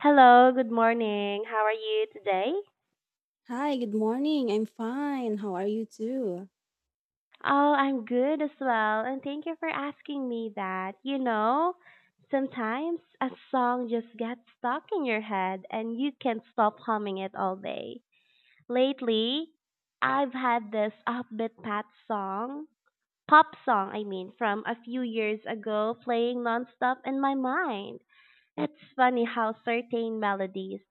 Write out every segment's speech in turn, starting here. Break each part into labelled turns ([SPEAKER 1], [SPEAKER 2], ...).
[SPEAKER 1] Hello, good morning. How are you today?
[SPEAKER 2] Hi, good morning. I'm fine. How are you too?
[SPEAKER 1] Oh, I'm good as well, and thank you for asking me that. You know, sometimes a song just gets stuck in your head and you can't stop humming it all day. Lately, I've had this pop song, I mean, from a few years ago playing nonstop in my mind. It's funny how certain melodies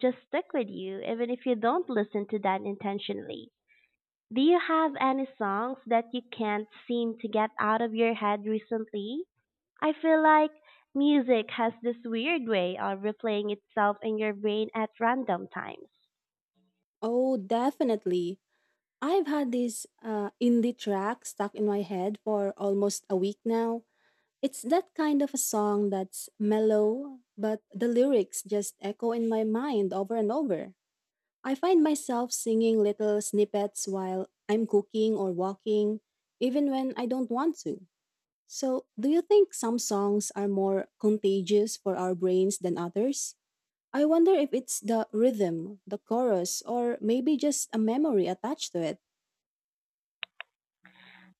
[SPEAKER 1] just stick with you even if you don't listen to that intentionally. Do you have any songs that you can't seem to get out of your head recently? I feel like music has this weird way of replaying itself in your brain at random times.
[SPEAKER 2] Oh, definitely. I've had this indie track stuck in my head for almost a week now. It's that kind of a song that's mellow, but the lyrics just echo in my mind over and over. I find myself singing little snippets while I'm cooking or walking, even when I don't want to. So, do you think some songs are more contagious for our brains than others? I wonder if it's the rhythm, the chorus, or maybe just a memory attached to it.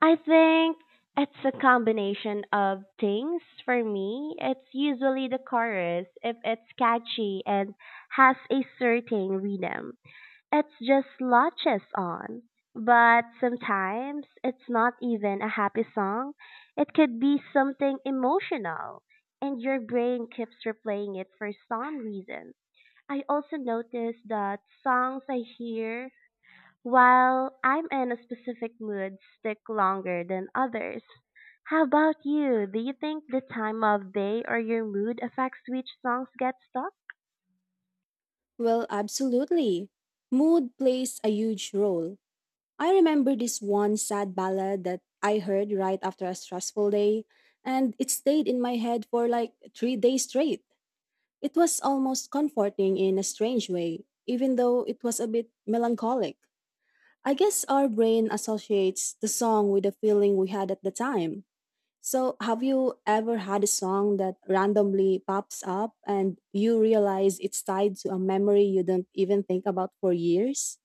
[SPEAKER 1] I think it's a combination of things for me. It's usually the chorus if it's catchy and has a certain rhythm. It's just latches on. But sometimes it's not even a happy song. It could be something emotional, and your brain keeps replaying it for some reason. I also notice that songs I hear while I'm in a specific mood stick longer than others. How about you? Do you think the time of day or your mood affects which songs get stuck?
[SPEAKER 2] Well, absolutely. Mood plays a huge role. I remember this one sad ballad that I heard right after a stressful day, and it stayed in my head for like 3 days straight. It was almost comforting in a strange way, even though it was a bit melancholic. I guess our brain associates the song with the feeling we had at the time. So, have you ever had a song that randomly pops up and you realize it's tied to a memory you don't even think about for years?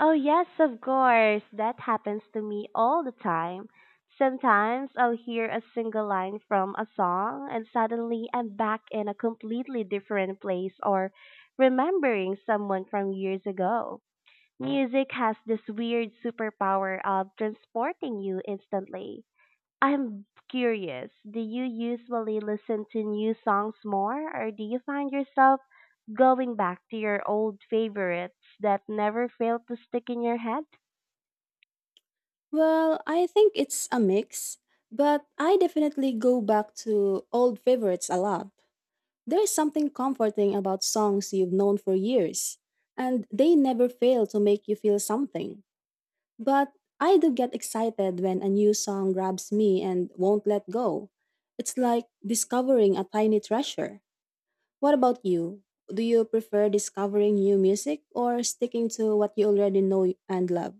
[SPEAKER 1] Oh, yes, of course. That happens to me all the time. Sometimes I'll hear a single line from a song and suddenly I'm back in a completely different place or remembering someone from years ago. Music has this weird superpower of transporting you instantly. I'm curious, do you usually listen to new songs more or do you find yourself going back to your old favorites that never fail to stick in your head?
[SPEAKER 2] Well, I think it's a mix, but I definitely go back to old favorites a lot. There's something comforting about songs you've known for years, and they never fail to make you feel something. But I do get excited when a new song grabs me and won't let go. It's like discovering a tiny treasure. What about you? Do you prefer discovering new music or sticking to what you already know and love?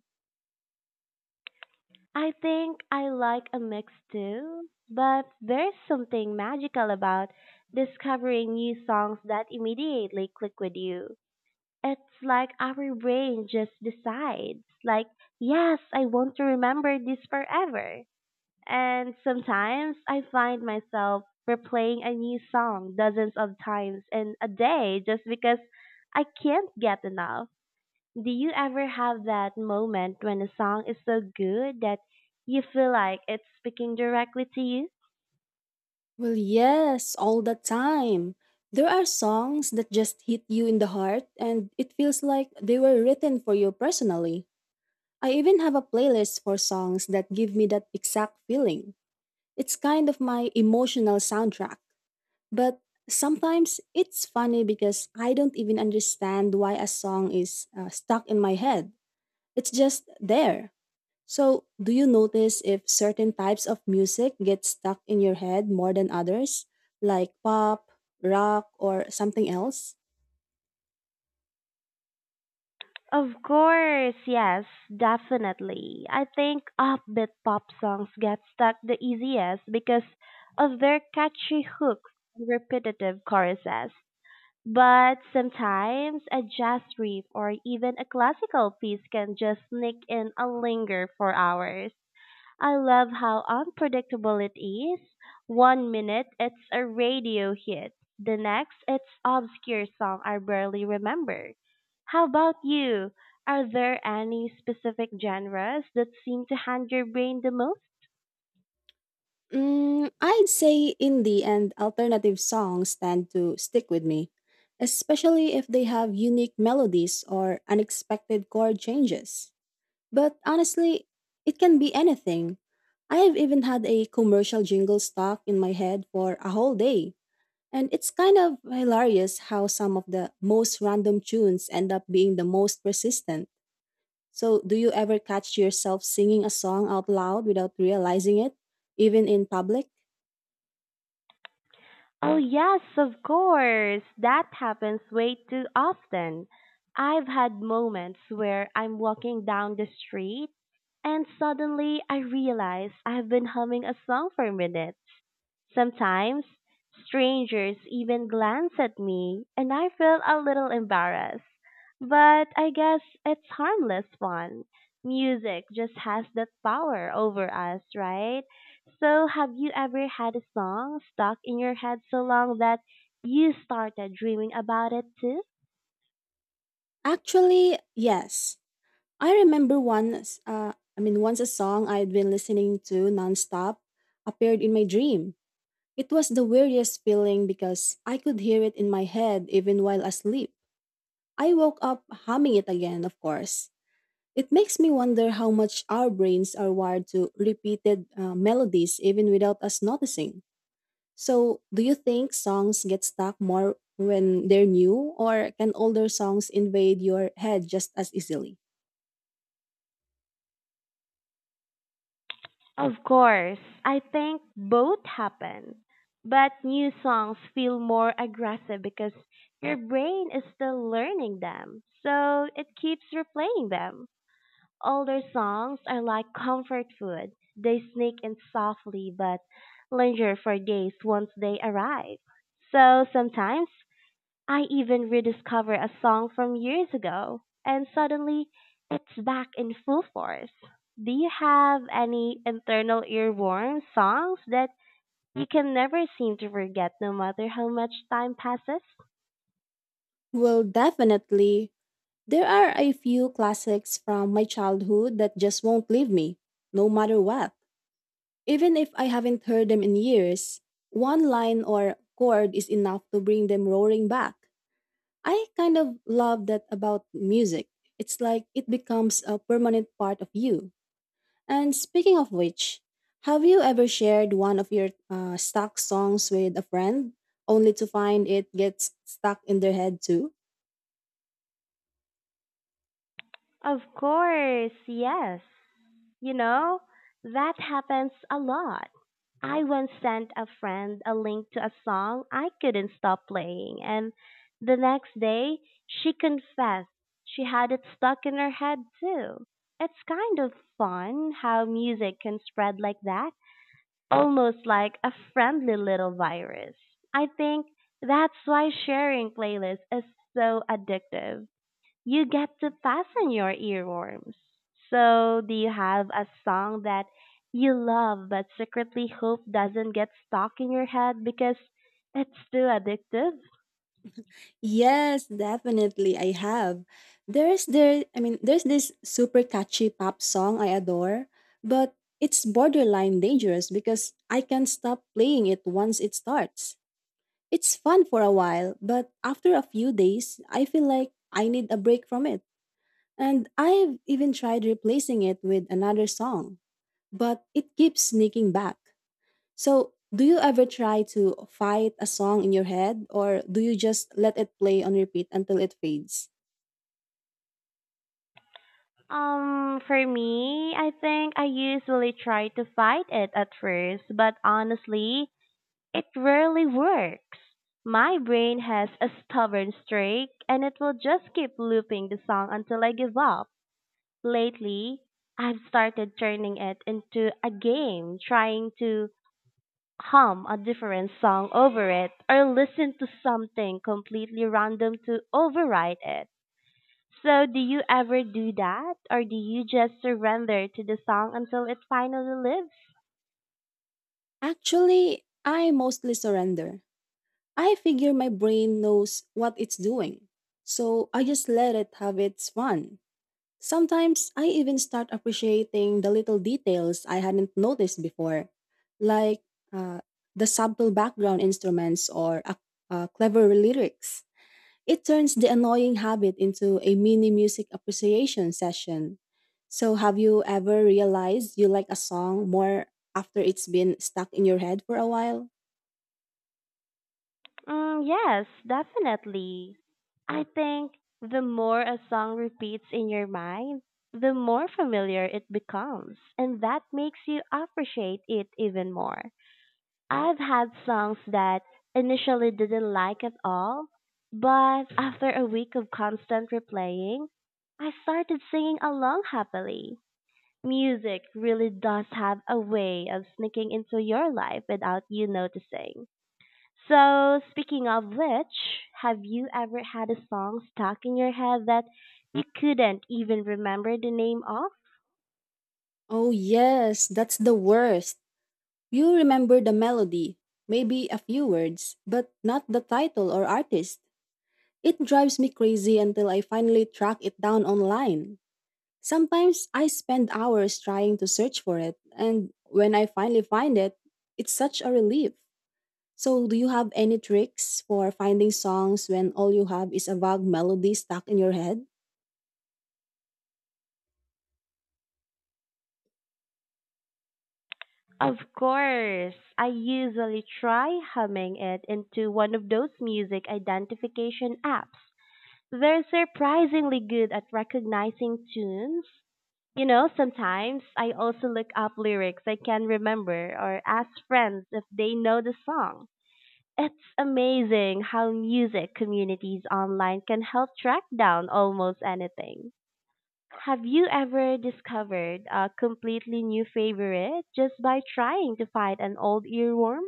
[SPEAKER 1] I think I like a mix too, but there's something magical about discovering new songs that immediately click with you. It's like our brain just decides, like, yes, I want to remember this forever. And sometimes I find myself replaying a new song dozens of times in a day just because I can't get enough. Do you ever have that moment when a song is so good that you feel like it's speaking directly to you?
[SPEAKER 2] Well, yes, all the time. There are songs that just hit you in the heart and it feels like they were written for you personally. I even have a playlist for songs that give me that exact feeling. It's kind of my emotional soundtrack. But sometimes it's funny because I don't even understand why a song is stuck in my head. It's just there. So, do you notice if certain types of music get stuck in your head more than others, like pop, rock, or something else?
[SPEAKER 1] Of course, yes, definitely. I think upbeat pop songs get stuck the easiest because of their catchy hooks and repetitive choruses. But sometimes a jazz riff or even a classical piece can just sneak in and linger for hours. I love how unpredictable it is. One minute it's a radio hit, the next it's obscure song I barely remember. How about you? Are there any specific genres that seem to haunt your brain the most?
[SPEAKER 2] Mm, I'd say indie and alternative songs tend to stick with me, especially if they have unique melodies or unexpected chord changes. But honestly, it can be anything. I have even had a commercial jingle stuck in my head for a whole day. And it's kind of hilarious how some of the most random tunes end up being the most persistent. So, do you ever catch yourself singing a song out loud without realizing it, even in public?
[SPEAKER 1] Oh yes, of course. That happens way too often. I've had moments where I'm walking down the street and suddenly I realize I've been humming a song for a minute. Sometimes strangers even glance at me and I feel a little embarrassed, but I guess it's harmless fun. Music just has that power over us, right? So, have you ever had a song stuck in your head so long that you started dreaming about it too?
[SPEAKER 2] Actually, yes. I remember once a song I had been listening to nonstop appeared in my dream. It was the weirdest feeling because I could hear it in my head even while asleep. I woke up humming it again, of course. It makes me wonder how much our brains are wired to repeated melodies even without us noticing. So, do you think songs get stuck more when they're new, or can older songs invade your head just as easily?
[SPEAKER 1] Of course, I think both happen. But new songs feel more aggressive because your brain is still learning them. So it keeps replaying them. Older songs are like comfort food. They sneak in softly but linger for days once they arrive. So sometimes I even rediscover a song from years ago and suddenly it's back in full force. Do you have any internal earworm songs that you can never seem to forget no matter how much time passes?
[SPEAKER 2] Well, definitely. There are a few classics from my childhood that just won't leave me, no matter what. Even if I haven't heard them in years, one line or chord is enough to bring them roaring back. I kind of love that about music. It's like it becomes a permanent part of you. And speaking of which, have you ever shared one of your stuck songs with a friend only to find it gets stuck in their head too?
[SPEAKER 1] Of course, yes. You know, that happens a lot. I once sent a friend a link to a song I couldn't stop playing, and the next day she confessed she had it stuck in her head too. It's kind of fun how music can spread like that, almost like a friendly little virus. I think that's why sharing playlists is so addictive. You get to fasten your earworms. So, do you have a song that you love but secretly hope doesn't get stuck in your head because it's too addictive?
[SPEAKER 2] Yes, definitely I have. There's there I mean There's this super catchy pop song I adore, but it's borderline dangerous because I can't stop playing it once it starts. It's fun for a while, but after a few days, I feel like I need a break from it. And I've even tried replacing it with another song, but it keeps sneaking back. So, do you ever try to fight a song in your head, or do you just let it play on repeat until it fades?
[SPEAKER 1] For me, I think I usually try to fight it at first, but honestly, it rarely works. My brain has a stubborn streak and it will just keep looping the song until I give up. Lately, I've started turning it into a game, trying to hum a different song over it or listen to something completely random to override it. So, do you ever do that, or do you just surrender to the song until it finally lives?
[SPEAKER 2] Actually, I mostly surrender. I figure my brain knows what it's doing, so I just let it have its fun. Sometimes I even start appreciating the little details I hadn't noticed before, like uh, the subtle background instruments or a clever lyrics. It turns the annoying habit into a mini music appreciation session. So, have you ever realized you like a song more after it's been stuck in your head for a while?
[SPEAKER 1] Mm, yes, definitely. I think the more a song repeats in your mind, the more familiar it becomes, and that makes you appreciate it even more. I've had songs that initially didn't like at all, but after a week of constant replaying, I started singing along happily. Music really does have a way of sneaking into your life without you noticing. So, speaking of which, have you ever had a song stuck in your head that you couldn't even remember the name of?
[SPEAKER 2] Oh, yes, that's the worst. You remember the melody, maybe a few words, but not the title or artist. It drives me crazy until I finally track it down online. Sometimes I spend hours trying to search for it, and when I finally find it, it's such a relief. So, do you have any tricks for finding songs when all you have is a vague melody stuck in your head?
[SPEAKER 1] Of course, I usually try humming it into one of those music identification apps. They're surprisingly good at recognizing tunes. You know, sometimes I also look up lyrics I can remember or ask friends if they know the song. It's amazing how music communities online can help track down almost anything. Have you ever discovered a completely new favorite just by trying to find an old earworm?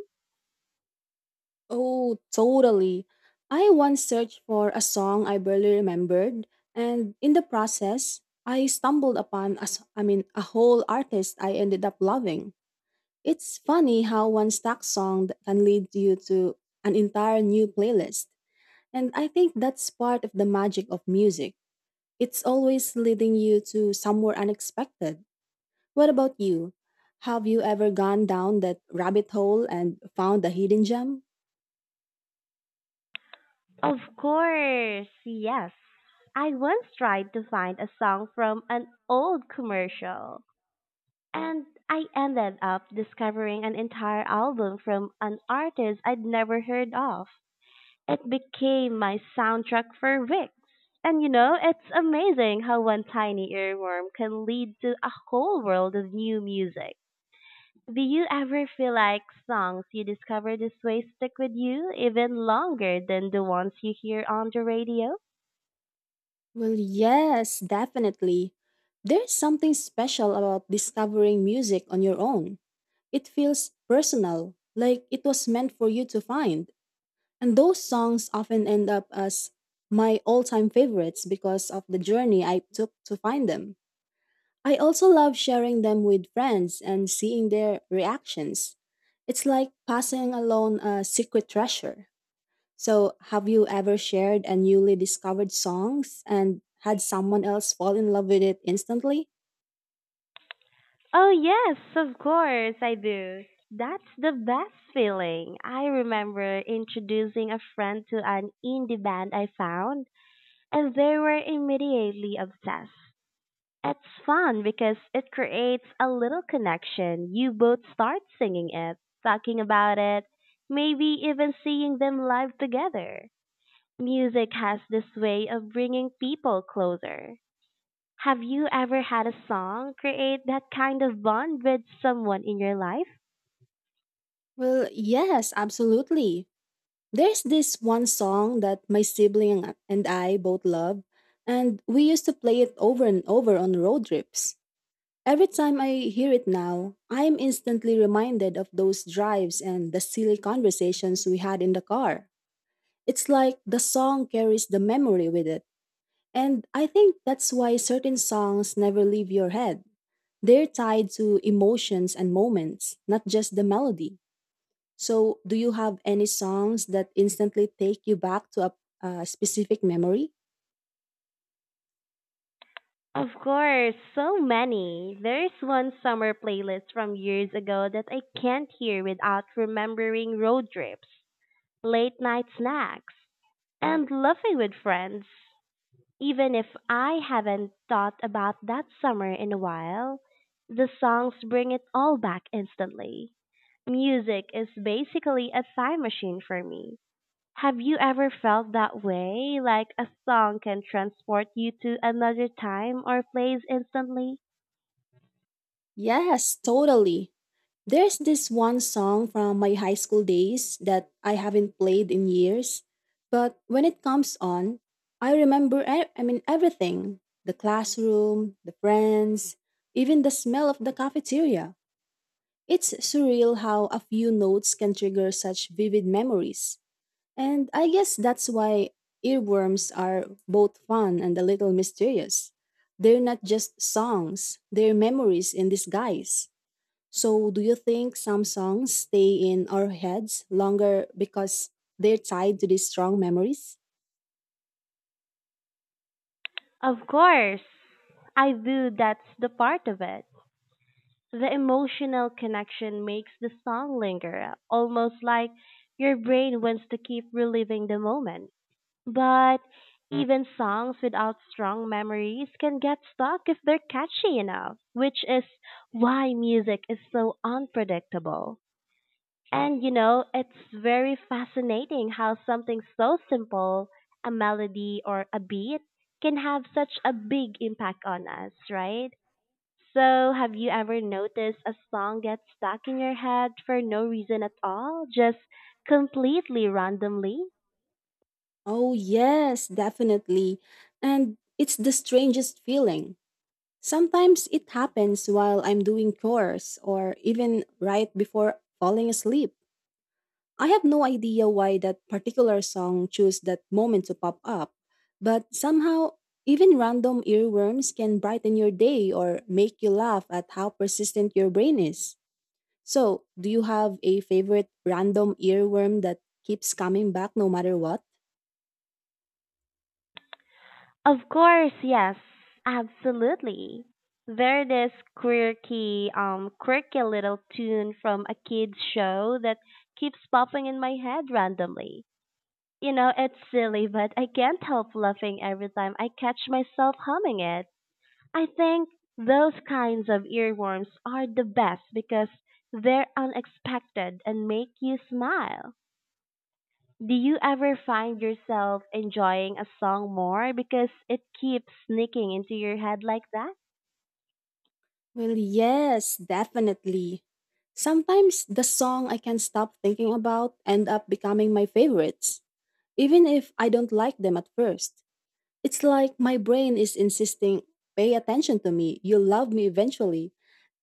[SPEAKER 2] Oh, totally. I once searched for a song I barely remembered, and in the process, I stumbled upon a whole artist I ended up loving. It's funny how one stock can lead you to an entire new playlist. And I think that's part of the magic of music. It's always leading you to somewhere unexpected. What about you? Have you ever gone down that rabbit hole and found a hidden gem?
[SPEAKER 1] Of course, yes. I once tried to find a song from an old commercial, and I ended up discovering an entire album from an artist I'd never heard of. It became my soundtrack for weeks. And you know, it's amazing how one tiny earworm can lead to a whole world of new music. Do you ever feel like songs you discover this way stick with you even longer than the ones you hear on the radio?
[SPEAKER 2] Well, yes, definitely. There's something special about discovering music on your own. It feels personal, like it was meant for you to find. And those songs often end up as my all time favorites because of the journey I took to find them. I also love sharing them with friends and seeing their reactions. It's like passing along a secret treasure. So, have you ever shared a newly discovered songs and had someone else fall in love with it instantly?
[SPEAKER 1] Oh, yes, of course I do. That's the best feeling. I remember introducing a friend to an indie band I found, and they were immediately obsessed. It's fun because it creates a little connection. You both start singing it, talking about it, maybe even seeing them live together. Music has this way of bringing people closer. Have you ever had a song create that kind of bond with someone in your life?
[SPEAKER 2] Well, yes, absolutely. There's this one song that my sibling and I both love, and we used to play it over and over on road trips. Every time I hear it now, I am instantly reminded of those drives and the silly conversations we had in the car. It's like the song carries the memory with it, and I think that's why certain songs never leave your head. They're tied to emotions and moments, not just the melody. So, do you have any songs that instantly take you back to a specific memory?
[SPEAKER 1] Of course, so many. There's one summer playlist from years ago that I can't hear without remembering road trips, late night snacks, and laughing with friends. Even if I haven't thought about that summer in a while, the songs bring it all back instantly. Music is basically a time machine for me. Have you ever felt that way? Like a song can transport you to another time or place instantly?
[SPEAKER 2] Yes, totally. There's this one song from my high school days that I haven't played in years, but when it comes on, I remember everything, the classroom, the friends, even the smell of the cafeteria. It's surreal how a few notes can trigger such vivid memories. And I guess that's why earworms are both fun and a little mysterious. They're not just songs, they're memories in disguise. So, do you think some songs stay in our heads longer because they're tied to these strong memories?
[SPEAKER 1] Of course, I do. That's the part of it. The emotional connection makes the song linger, almost like your brain wants to keep reliving the moment. But even songs without strong memories can get stuck if they're catchy enough, which is why music is so unpredictable. And you know, it's very fascinating how something so simple, a melody or a beat, can have such a big impact on us, right? So, have you ever noticed a song gets stuck in your head for no reason at all, just completely randomly?
[SPEAKER 2] Oh, yes, definitely. And it's the strangest feeling. Sometimes it happens while I'm doing chores or even right before falling asleep. I have no idea why that particular song chose that moment to pop up, but somehow, even random earworms can brighten your day or make you laugh at how persistent your brain is. So, do you have a favorite random earworm that keeps coming back no matter what?
[SPEAKER 1] Of course, yes, absolutely. There's this quirky little tune from a kid's show that keeps popping in my head randomly. You know, it's silly, but I can't help laughing every time I catch myself humming it. I think those kinds of earworms are the best because they're unexpected and make you smile. Do you ever find yourself enjoying a song more because it keeps sneaking into your head like that?
[SPEAKER 2] Well, yes, definitely. Sometimes the song I can't stop thinking about end up becoming my favorites, even if I don't like them at first. It's like my brain is insisting, pay attention to me, you'll love me eventually.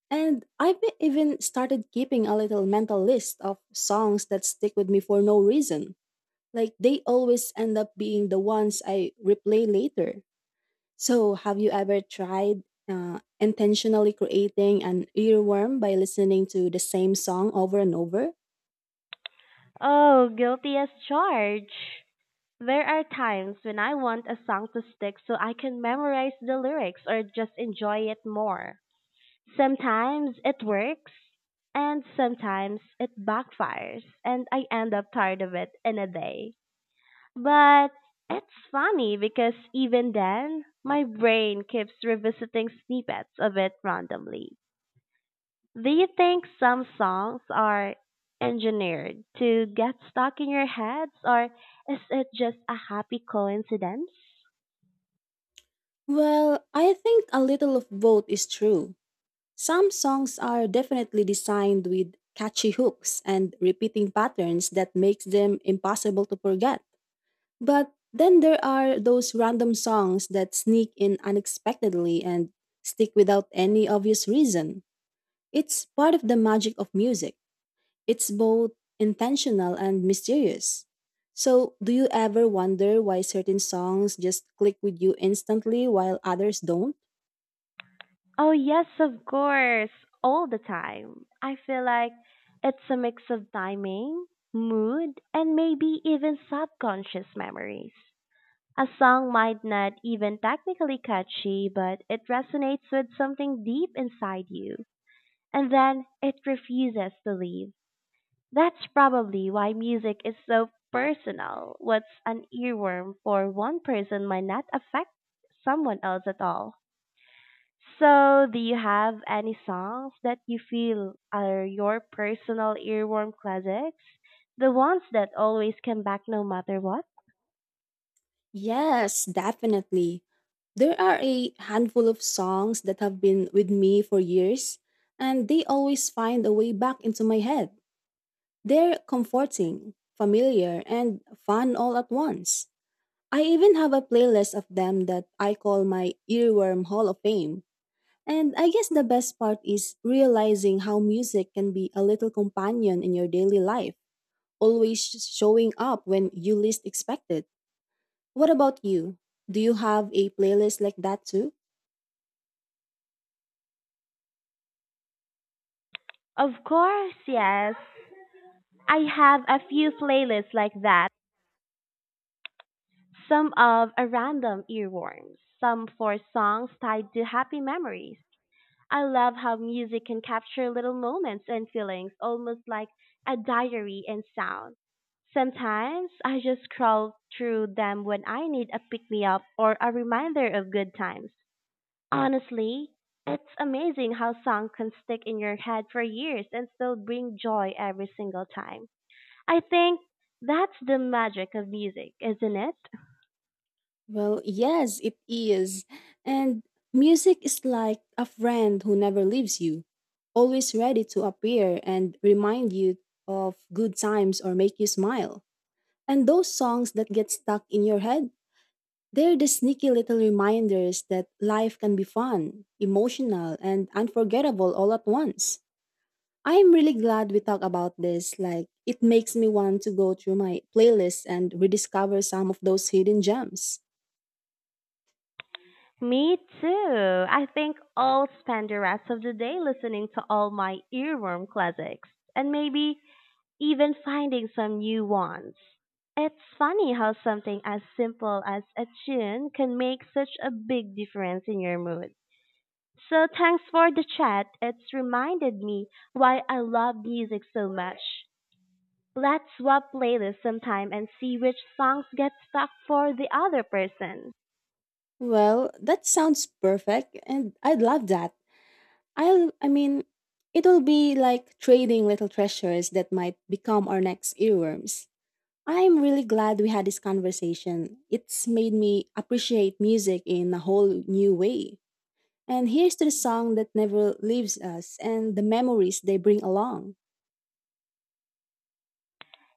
[SPEAKER 2] And even started keeping a little mental list of songs that stick with me for no reason. Like they always end up being the ones I replay later. So, have you ever tried intentionally creating an earworm by listening to the same song over and over?
[SPEAKER 1] Oh, guilty as charged. There are times when I want a song to stick so I can memorize the lyrics or just enjoy it more. Sometimes it works, and sometimes it backfires, and I end up tired of it in a day. But it's funny because even then, my brain keeps revisiting snippets of it randomly. Do you think some songs are engineered to get stuck in your heads, or is it just a happy coincidence?
[SPEAKER 2] Well, I think a little of both is true. Some songs are definitely designed with catchy hooks and repeating patterns that makes them impossible to forget. But then there are those random songs that sneak in unexpectedly and stick without any obvious reason. It's part of the magic of music. It's both intentional and mysterious. So, do you ever wonder why certain songs just click with you instantly while others don't?
[SPEAKER 1] Oh, yes, of course, all the time. I feel like it's a mix of timing, mood, and maybe even subconscious memories. A song might not even technically catchy, but it resonates with something deep inside you, and then it refuses to leave. That's probably why music is so personal. What's an earworm for one person might not affect someone else at all. So, do you have any songs that you feel are your personal earworm classics? The ones that always come back no matter what?
[SPEAKER 2] Yes, definitely. There are a handful of songs that have been with me for years, and they always find a way back into my head. They're comforting, familiar, and fun all at once. I even have a playlist of them that I call my Earworm Hall of Fame. And I guess the best part is realizing how music can be a little companion in your daily life, always showing up when you least expect it. What about you? Do you have a playlist like that too?
[SPEAKER 1] Of course, yes. I have a few playlists like that. Some of a random earworms, some for songs tied to happy memories. I love how music can capture little moments and feelings, almost like a diary in sound. Sometimes I just scroll through them when I need a pick me up or a reminder of good times. Honestly, it's amazing how songs can stick in your head for years and still bring joy every single time. I think that's the magic of music, isn't it?
[SPEAKER 2] Well, yes, it is. And music is like a friend who never leaves you, always ready to appear and remind you of good times or make you smile. And those songs that get stuck in your head, they're the sneaky little reminders that life can be fun, emotional, and unforgettable all at once. I am really glad we talked about this. Like, it makes me want to go through my playlist and rediscover some of those hidden gems.
[SPEAKER 1] Me too. I think I'll spend the rest of the day listening to all my earworm classics and maybe even finding some new ones. It's funny how something as simple as a tune can make such a big difference in your mood. So thanks for the chat. It's reminded me why I love music so much. Let's swap playlists sometime and see which songs get stuck for the other person.
[SPEAKER 2] Well, that sounds perfect, and I'd love that. I'll, I mean, It'll be like trading little treasures that might become our next earworms. I'm really glad we had this conversation. It's made me appreciate music in a whole new way. And here's to the song that never leaves us and the memories they bring along.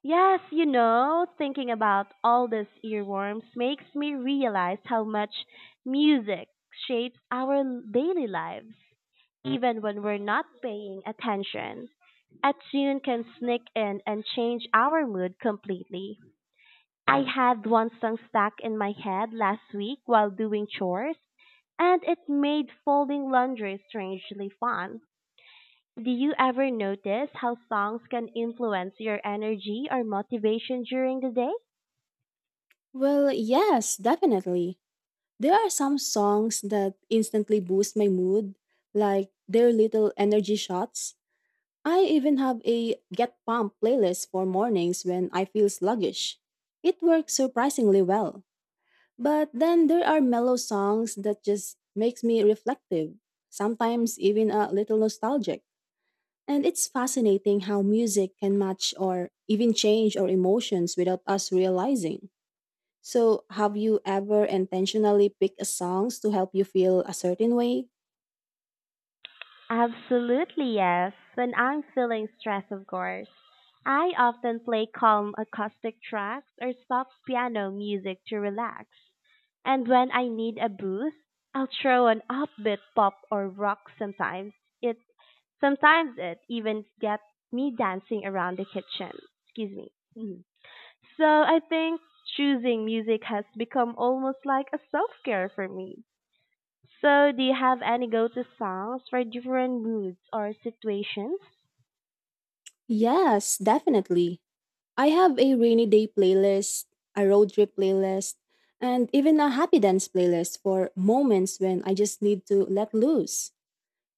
[SPEAKER 1] Yes, you know, thinking about all these earworms makes me realize how much music shapes our daily lives, even when we're not paying attention. A tune can sneak in and change our mood completely. I had one song stuck in my head last week while doing chores, and it made folding laundry strangely fun. Do you ever notice how songs can influence your energy or motivation during the day?
[SPEAKER 2] Well, yes, definitely. There are some songs that instantly boost my mood, like their little energy shots. I even have a Get Pump playlist for mornings when I feel sluggish. It works surprisingly well. But then there are mellow songs that just makes me reflective, sometimes even a little nostalgic. And it's fascinating how music can match or even change our emotions without us realizing. So, have you ever intentionally picked a songs to help you feel a certain way?
[SPEAKER 1] Absolutely, yes. When I'm feeling stressed, of course. I often play calm acoustic tracks or soft piano music to relax. And when I need a boost, I'll throw an upbeat pop or rock sometimes. It sometimes it even gets me dancing around the kitchen. Excuse me. Mhm. So I think choosing music has become almost like a self care for me. So do you have any go to songs for different moods or situations?
[SPEAKER 2] Yes, definitely. I have a rainy day playlist, a road trip playlist, and even a happy dance playlist for moments when I just need to let loose.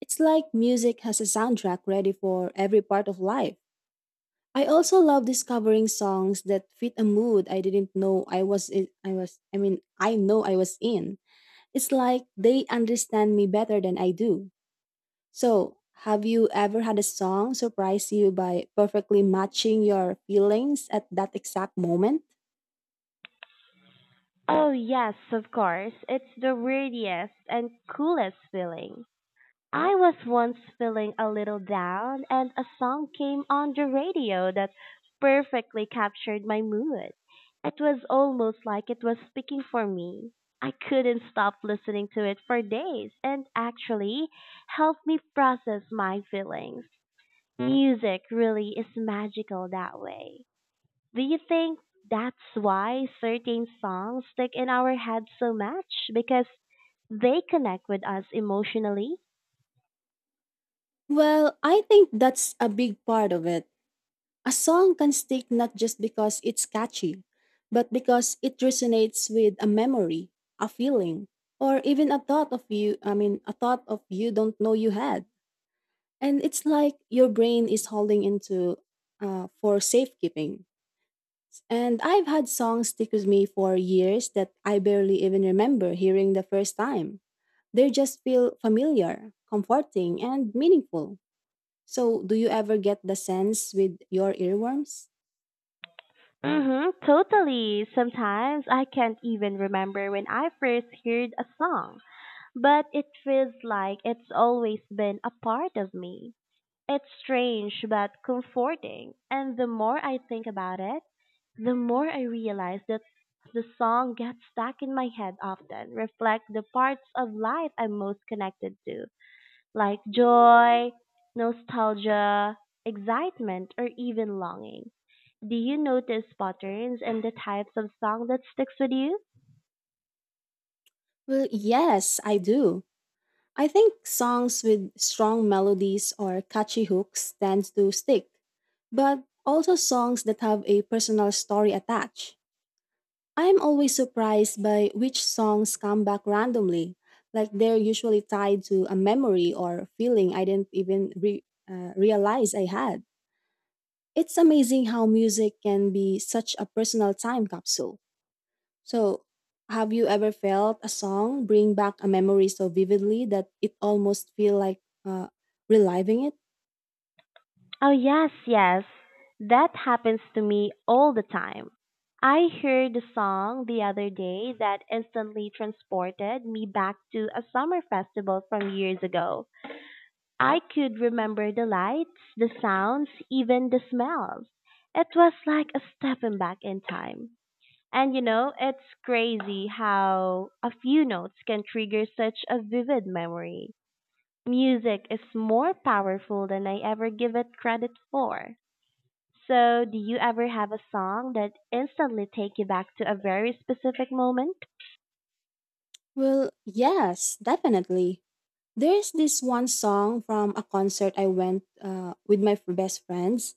[SPEAKER 2] It's like music has a soundtrack ready for every part of life. I also love discovering songs that fit a mood I didn't know I was in, I was I mean I know I was in. It's like they understand me better than I do. So, have you ever had a song surprise you by perfectly matching your feelings at that exact moment?
[SPEAKER 1] Oh, yes, of course. It's the weirdest and coolest feeling. I was once feeling a little down and a song came on the radio that perfectly captured my mood. It was almost like it was speaking for me. I couldn't stop listening to it for days and actually helped me process my feelings. Music really is magical that way. Do you think that's why certain songs stick in our heads so much? Because they connect with us emotionally?
[SPEAKER 2] Well, I think that's a big part of it. A song can stick not just because it's catchy, but because it resonates with a memory, a feeling, or even a thought of you don't know you had. And it's like your brain is holding into for safekeeping. And I've had songs stick with me for years that I barely even remember hearing the first time. They just feel familiar, comforting, and meaningful. So, do you ever get the sense with your earworms?
[SPEAKER 1] Mm-hmm, totally. Sometimes I can't even remember when I first heard a song, but it feels like it's always been a part of me. It's strange but comforting, and the more I think about it, the more I realize that the song gets stuck in my head often, reflect the parts of life I'm most connected to, like joy, nostalgia, excitement, or even longing. Do you notice patterns and the types of song that sticks with you?
[SPEAKER 2] Well, yes, I do. I think songs with strong melodies or catchy hooks tend to stick, but also songs that have a personal story attached. I'm always surprised by which songs come back randomly, like they're usually tied to a memory or feeling I didn't even realize I had. It's amazing how music can be such a personal time capsule. So, have you ever felt a song bring back a memory so vividly that it almost feel like reliving it?
[SPEAKER 1] Oh yes, yes. That happens to me all the time. I heard a song the other day that instantly transported me back to a summer festival from years ago. I could remember the lights, the sounds, even the smells. It was like a stepping back in time. And you know, it's crazy how a few notes can trigger such a vivid memory. Music is more powerful than I ever give it credit for. So, do you ever have a song that instantly take you back to a very specific moment?
[SPEAKER 2] Well, yes, definitely. There's this one song from a concert I went with my best friends.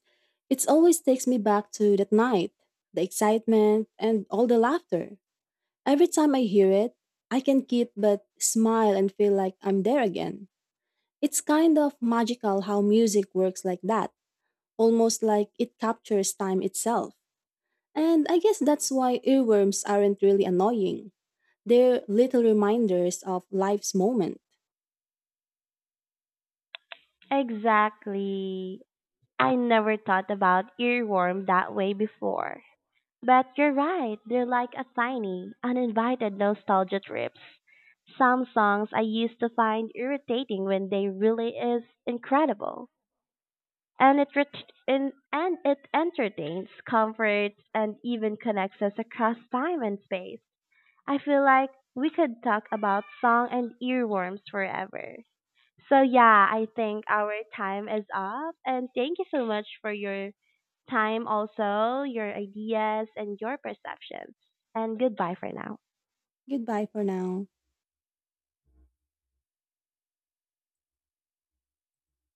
[SPEAKER 2] It always takes me back to that night, the excitement and all the laughter. Every time I hear it, I can keep but smile and feel like I'm there again. It's kind of magical how music works like that, almost like it captures time itself. And I guess that's why earworms aren't really annoying. They're little reminders of life's moment.
[SPEAKER 1] Exactly. I never thought about earworm that way before. But you're right, they're like a tiny, uninvited nostalgia trips. Some songs I used to find irritating when they really is incredible. And it entertains, comforts, and even connects us across time and space. I feel like we could talk about song and earworms forever. So yeah, I think our time is up, and thank you so much for your time, also your ideas and your perceptions. And goodbye for now.
[SPEAKER 2] Goodbye for now.